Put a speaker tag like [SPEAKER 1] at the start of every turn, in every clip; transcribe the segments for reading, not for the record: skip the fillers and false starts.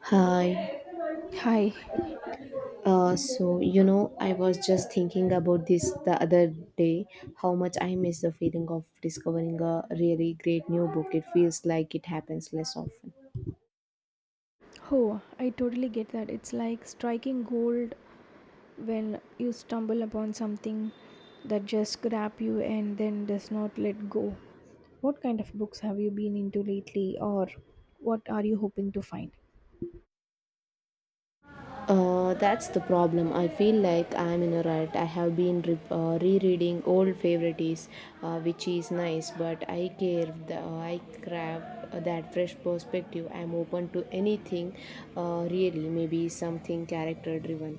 [SPEAKER 1] Hi.
[SPEAKER 2] Hi.
[SPEAKER 1] I was just thinking about this the other day how much I miss the feeling of discovering a really great new book. It feels like it happens less often.
[SPEAKER 2] Oh, I totally get that. It's like striking gold when you stumble upon something that just grabs you and then does not let go. What kind of books have you been into lately, or what are you hoping to find?
[SPEAKER 1] That's the problem. I feel like I'm in a rut. I have been rereading old favorites, which is nice, but I crave that fresh perspective. I'm open to anything, really, maybe something character driven.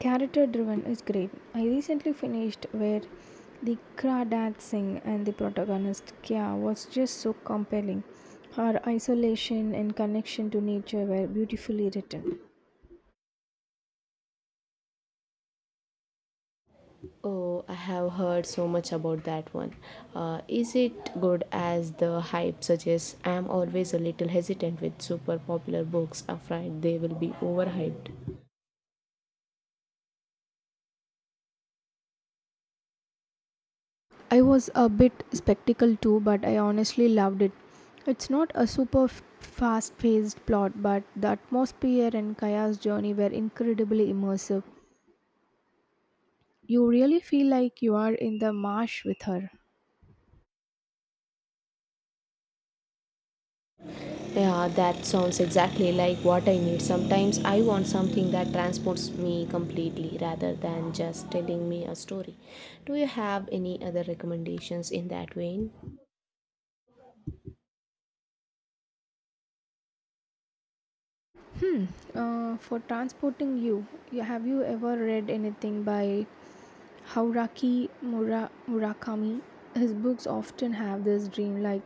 [SPEAKER 2] Character driven is great. I recently finished Where the Crawdad Singh, and the protagonist Kya was just so compelling. Her isolation and connection to nature were beautifully written.
[SPEAKER 1] Oh, I have heard so much about that one. Is it good as the hype suggests? I am always a little hesitant with super popular books, afraid they will be overhyped.
[SPEAKER 2] I was a bit spectacle too, but I honestly loved it. It's not a super fast paced plot, but the atmosphere and Kaya's journey were incredibly immersive. You really feel like you are in the marsh with her.
[SPEAKER 1] Yeah, that sounds exactly like what I need. Sometimes I want something that transports me completely rather than just telling me a story. Do you have any other recommendations in that vein?
[SPEAKER 2] For transporting you, have you ever read anything by Murakami? His books often have this dreamlike,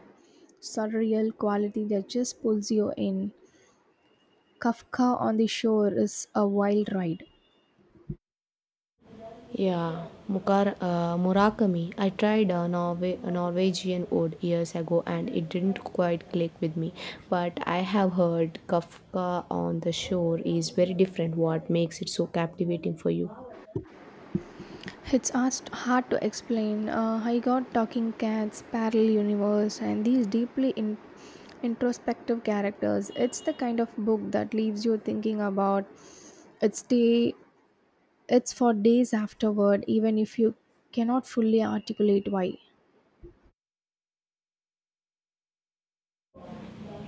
[SPEAKER 2] surreal quality that just pulls you in. Kafka on the Shore is a wild ride.
[SPEAKER 1] Yeah, Murakami. I tried a Norwegian ode years ago and it didn't quite click with me. But I have heard Kafka on the Shore is very different. What makes it so captivating for you?
[SPEAKER 2] It's asked hard to explain. I got talking cats, parallel universe, and these introspective characters. It's the kind of book that leaves you thinking about its day. It's for days afterward, even if you cannot fully articulate why.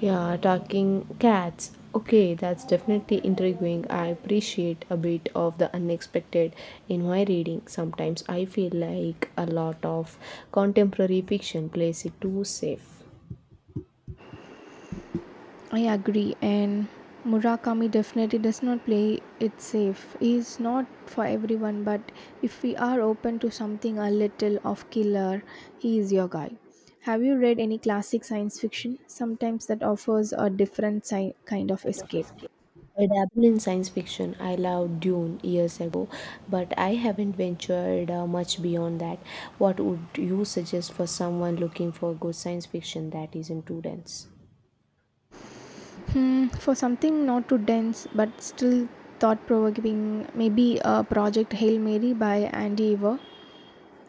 [SPEAKER 1] Yeah, talking cats. Okay, that's definitely intriguing. I appreciate a bit of the unexpected in my reading. Sometimes I feel like a lot of contemporary fiction plays it too safe.
[SPEAKER 2] I agree, and Murakami definitely does not play it safe. He's not for everyone, but if we are open to something a little off killer, he is your guy. Have you read any classic science fiction? Sometimes that offers a kind of escape.
[SPEAKER 1] I dabble in science fiction. I loved Dune years ago, but I haven't ventured much beyond that. What would you suggest for someone looking for good science fiction that isn't too dense?
[SPEAKER 2] For something not too dense but still thought provoking, maybe a Project Hail Mary by Andy Weir.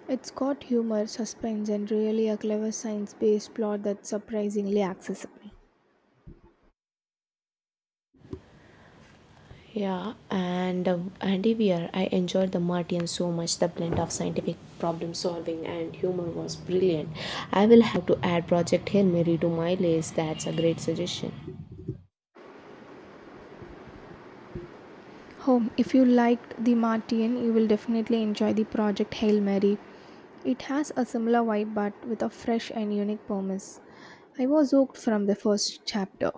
[SPEAKER 2] It's got humor, suspense, and really a clever science based plot that's surprisingly accessible.
[SPEAKER 1] Yeah, and Andy Weir, I enjoyed the Martian so much. The blend of scientific problem solving and humor was brilliant. I will have to add Project Hail Mary to my list. That's a great suggestion.
[SPEAKER 2] Home. If you liked The Martian, you will definitely enjoy the Project Hail Mary. It has a similar vibe but with a fresh and unique premise. I was hooked from the first chapter.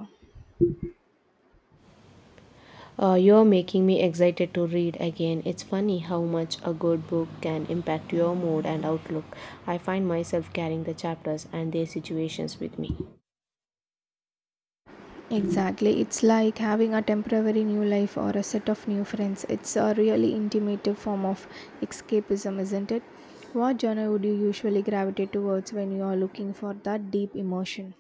[SPEAKER 1] You're making me excited to read again. It's funny how much a good book can impact your mood and outlook. I find myself carrying the chapters and their situations with me.
[SPEAKER 2] Exactly, it's like having a temporary new life or a set of new friends. It's a really intimative form of escapism, isn't it? What genre would you usually gravitate towards when you are looking for that deep emotion?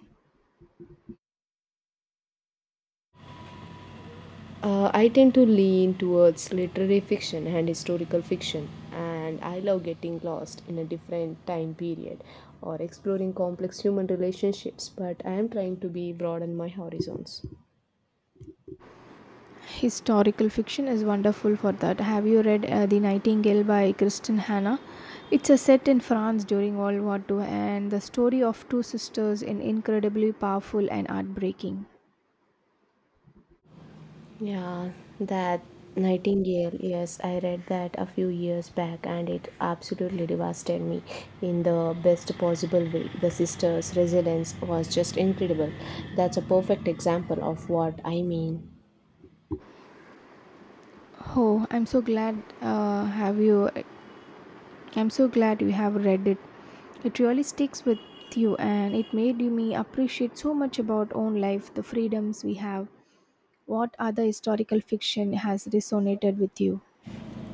[SPEAKER 1] I tend to lean towards literary fiction and historical fiction, and I love getting lost in a different time period or exploring complex human relationships, but I am trying to be broaden my horizons.
[SPEAKER 2] Historical fiction is wonderful for that. Have you read The Nightingale by Kristen Hannah? It's a set in France during World War II, and the story of two sisters in incredibly powerful and heartbreaking.
[SPEAKER 1] Yeah, that Nightingale, yes, I read that a few years back and it absolutely devastated me in the best possible way. The sister's resilience was just incredible. That's a perfect example of what I mean.
[SPEAKER 2] Oh, I'm so glad, have you I'm so glad you have read it. It really sticks with you, and it made me appreciate so much about own life, the freedoms we have. What other historical fiction has resonated with you?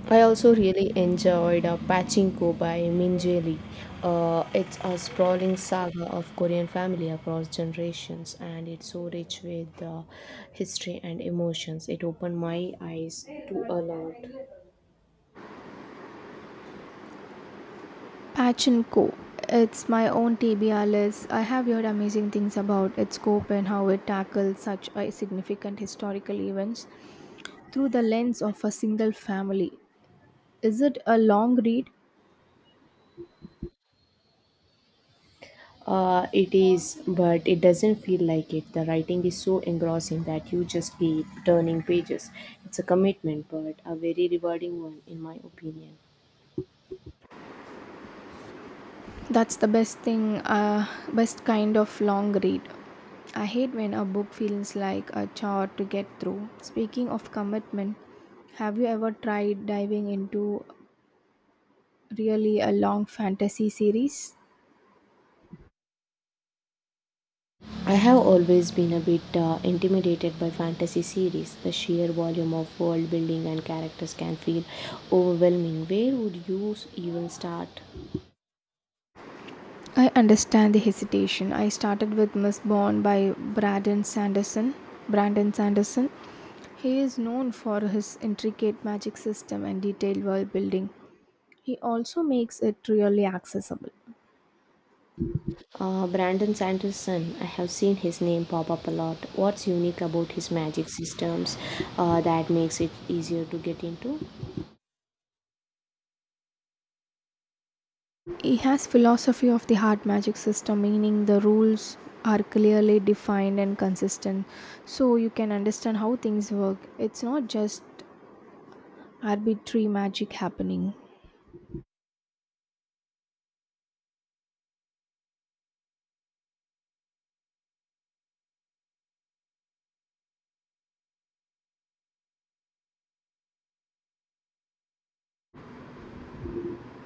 [SPEAKER 1] I also really enjoyed Pachinko by Minje Lee. It's a sprawling saga of Korean family across generations, and it's so rich with history and emotions. It opened my eyes to a lot.
[SPEAKER 2] Patchen Co. It's my own TBR list. I have heard amazing things about its scope and how it tackles such a significant historical events through the lens of a single family. Is it a long read?
[SPEAKER 1] It is, but it doesn't feel like it. The writing is so engrossing that you just keep turning pages. It's a commitment, but a very rewarding one, in my opinion.
[SPEAKER 2] That's the best thing, best kind of long read. I hate when a book feels like a chore to get through. Speaking of commitment, have you ever tried diving into really a long fantasy series?
[SPEAKER 1] I have always been a bit intimidated by fantasy series. The sheer volume of world building and characters can feel overwhelming. Where would you even start?
[SPEAKER 2] I understand the hesitation. I started with Miss Bond by Brandon Sanderson. Brandon Sanderson. He is known for his intricate magic system and detailed world building. He also makes it really accessible.
[SPEAKER 1] Brandon Sanderson, I have seen his name pop up a lot. What's unique about his magic systems that makes it easier to get into?
[SPEAKER 2] He has philosophy of the hard magic system, meaning the rules are clearly defined and consistent, so you can understand how things work. It's not just arbitrary magic happening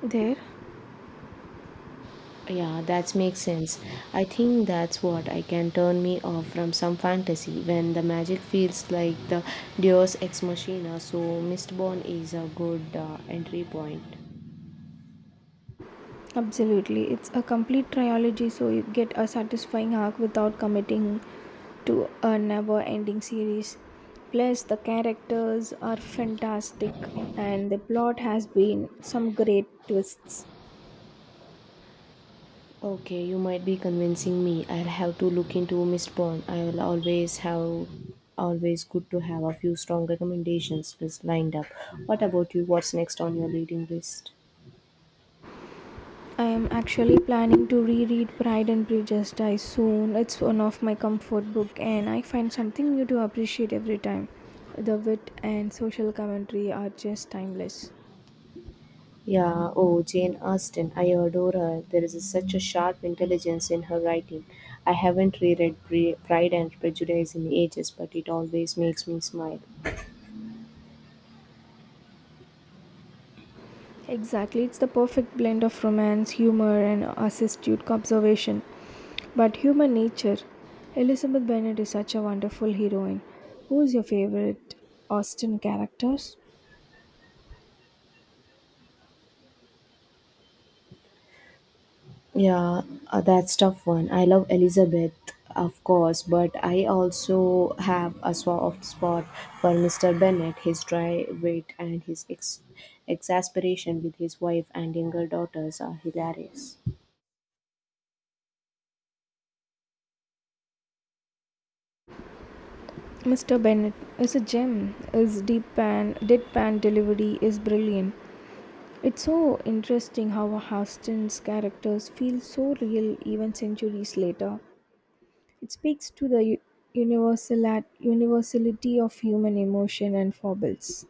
[SPEAKER 2] there.
[SPEAKER 1] Yeah, that makes sense. I think that's what I can turn me off from some fantasy when the magic feels like the Deus Ex Machina. So Mistborn is a good entry point.
[SPEAKER 2] Absolutely. It's a complete trilogy, so you get a satisfying arc without committing to a never ending series. Plus, the characters are fantastic, and the plot has been some great twists.
[SPEAKER 1] Okay, you might be convincing me. I'll have to look into Mistborn. I will always good to have a few strong recommendations list lined up. What about you? What's next on your reading list?
[SPEAKER 2] I am actually planning to reread Pride and Prejudice soon. It's one of my comfort book, and I find something new to appreciate every time. The wit and social commentary are just timeless.
[SPEAKER 1] Yeah, oh, Jane Austen, I adore her. There is such a sharp intelligence in her writing. I haven't reread Pride and Prejudice in ages, but it always makes me smile.
[SPEAKER 2] Exactly, it's the perfect blend of romance, humor, and astute observation. But human nature. Elizabeth Bennet is such a wonderful heroine. Who is your favorite Austen characters?
[SPEAKER 1] Yeah, that's tough one. I love Elizabeth, of course, but I also have a soft spot for Mr. Bennet, his dry wit and his exasperation with his wife and younger daughters are hilarious.
[SPEAKER 2] Mr. Bennet is a gem. His deadpan delivery is brilliant. It's so interesting how Austen's characters feel so real even centuries later. It speaks to the universality of human emotion and foibles.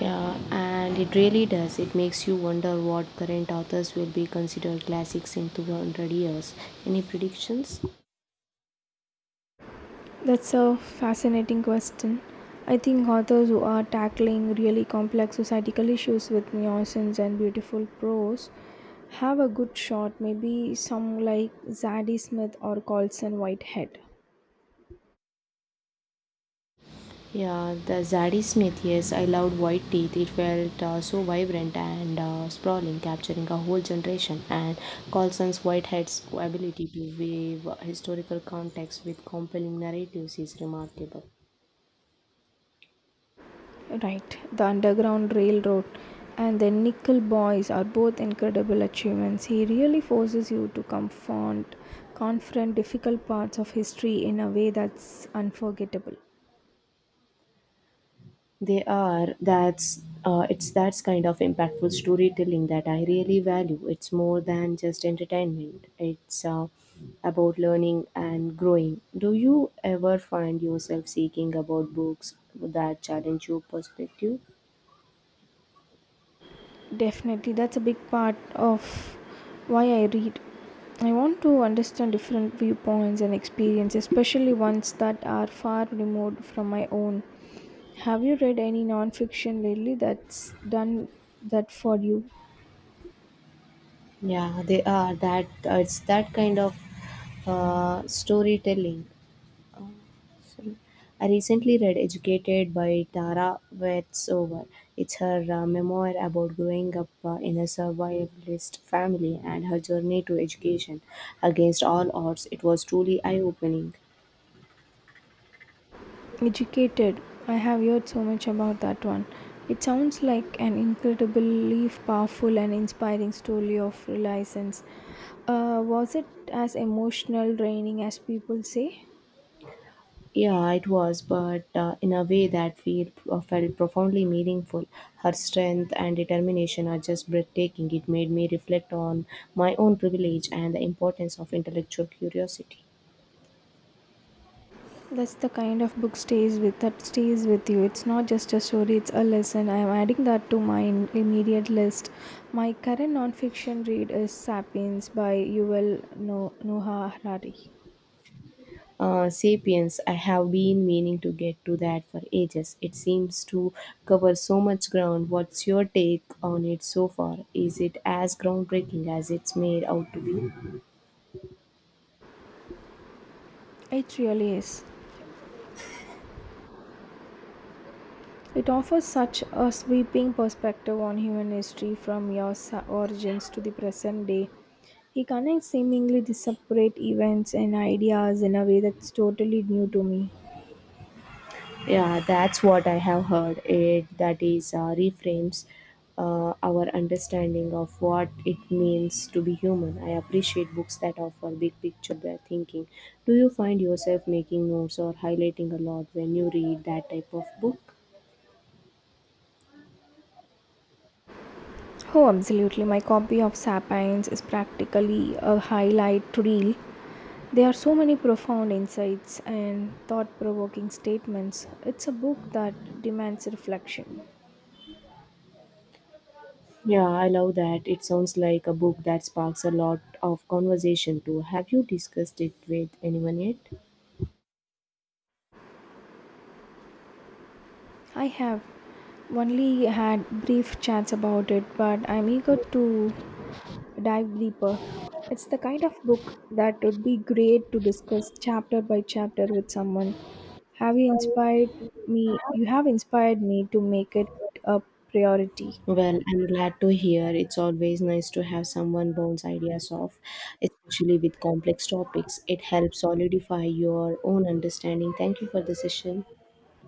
[SPEAKER 1] Yeah, and it really does. It makes you wonder what current authors will be considered classics in 200 years. Any predictions?
[SPEAKER 2] That's a fascinating question. I think authors who are tackling really complex societal issues with nuisance and beautiful prose have a good shot. Maybe some like Zadie Smith or Colson Whitehead.
[SPEAKER 1] Yeah, the Zadie Smith, yes, I loved White Teeth. It felt so vibrant and sprawling, capturing a whole generation. And Colson's Whitehead's ability to weave historical context with compelling narratives is remarkable.
[SPEAKER 2] Right, The Underground Railroad and The Nickel Boys are both incredible achievements. He really forces you to confront difficult parts of history in a way that's unforgettable.
[SPEAKER 1] They are. That's it's that's kind of impactful storytelling that I really value. It's more than just entertainment. It's about learning and growing. Do you ever find yourself seeking about books that challenge your perspective?
[SPEAKER 2] Definitely, that's a big part of why I read. I want to understand different viewpoints and experiences, especially ones that are far removed from my own. Have you read any nonfiction lately that's done that for you?
[SPEAKER 1] Yeah, they are. That it's that kind of storytelling. Sorry. I recently read Educated by Tara Westover. It's her memoir about growing up in a survivalist family and her journey to education against all odds. It was truly eye opening.
[SPEAKER 2] Educated. I have heard so much about that one. It sounds like an incredibly powerful and inspiring story of reliance. Was it as emotional draining as people say?
[SPEAKER 1] Yeah, it was, but in a way that felt profoundly meaningful. Her strength and determination are just breathtaking. It made me reflect on my own privilege and the importance of intellectual curiosity.
[SPEAKER 2] That's the kind of book stays with that stays with you. It's not just a story, it's a lesson. I am adding that to my immediate list. My current nonfiction read is Sapiens by Yuval Noah Harari.
[SPEAKER 1] Sapiens, I have been meaning to get to that for ages. It seems to cover so much ground. What's your take on it so far? Is it as groundbreaking as it's made out to be?
[SPEAKER 2] It really is. It offers such a sweeping perspective on human history from your origins to the present day. He connects seemingly disparate events and ideas in a way that's totally new to me.
[SPEAKER 1] Yeah, that's what I have heard. It that is reframes our understanding of what it means to be human. I appreciate books that offer big picture their thinking. Do you find yourself making notes or highlighting a lot when you read that type of book?
[SPEAKER 2] Oh, absolutely. My copy of Sapiens is practically a highlight reel. There are so many profound insights and thought provoking statements. It's a book that demands reflection.
[SPEAKER 1] Yeah, I love that. It sounds like a book that sparks a lot of conversation too. Have you discussed it with anyone yet?
[SPEAKER 2] I have only had brief chats about it, but I'm eager to dive deeper. It's the kind of book that would be great to discuss chapter by chapter with someone. Have you inspired me? You have inspired me to make it a priority.
[SPEAKER 1] Well, I'm glad to hear. It's always nice to have someone bounce ideas off, especially with complex topics. It helps solidify your own understanding. Thank you for the session.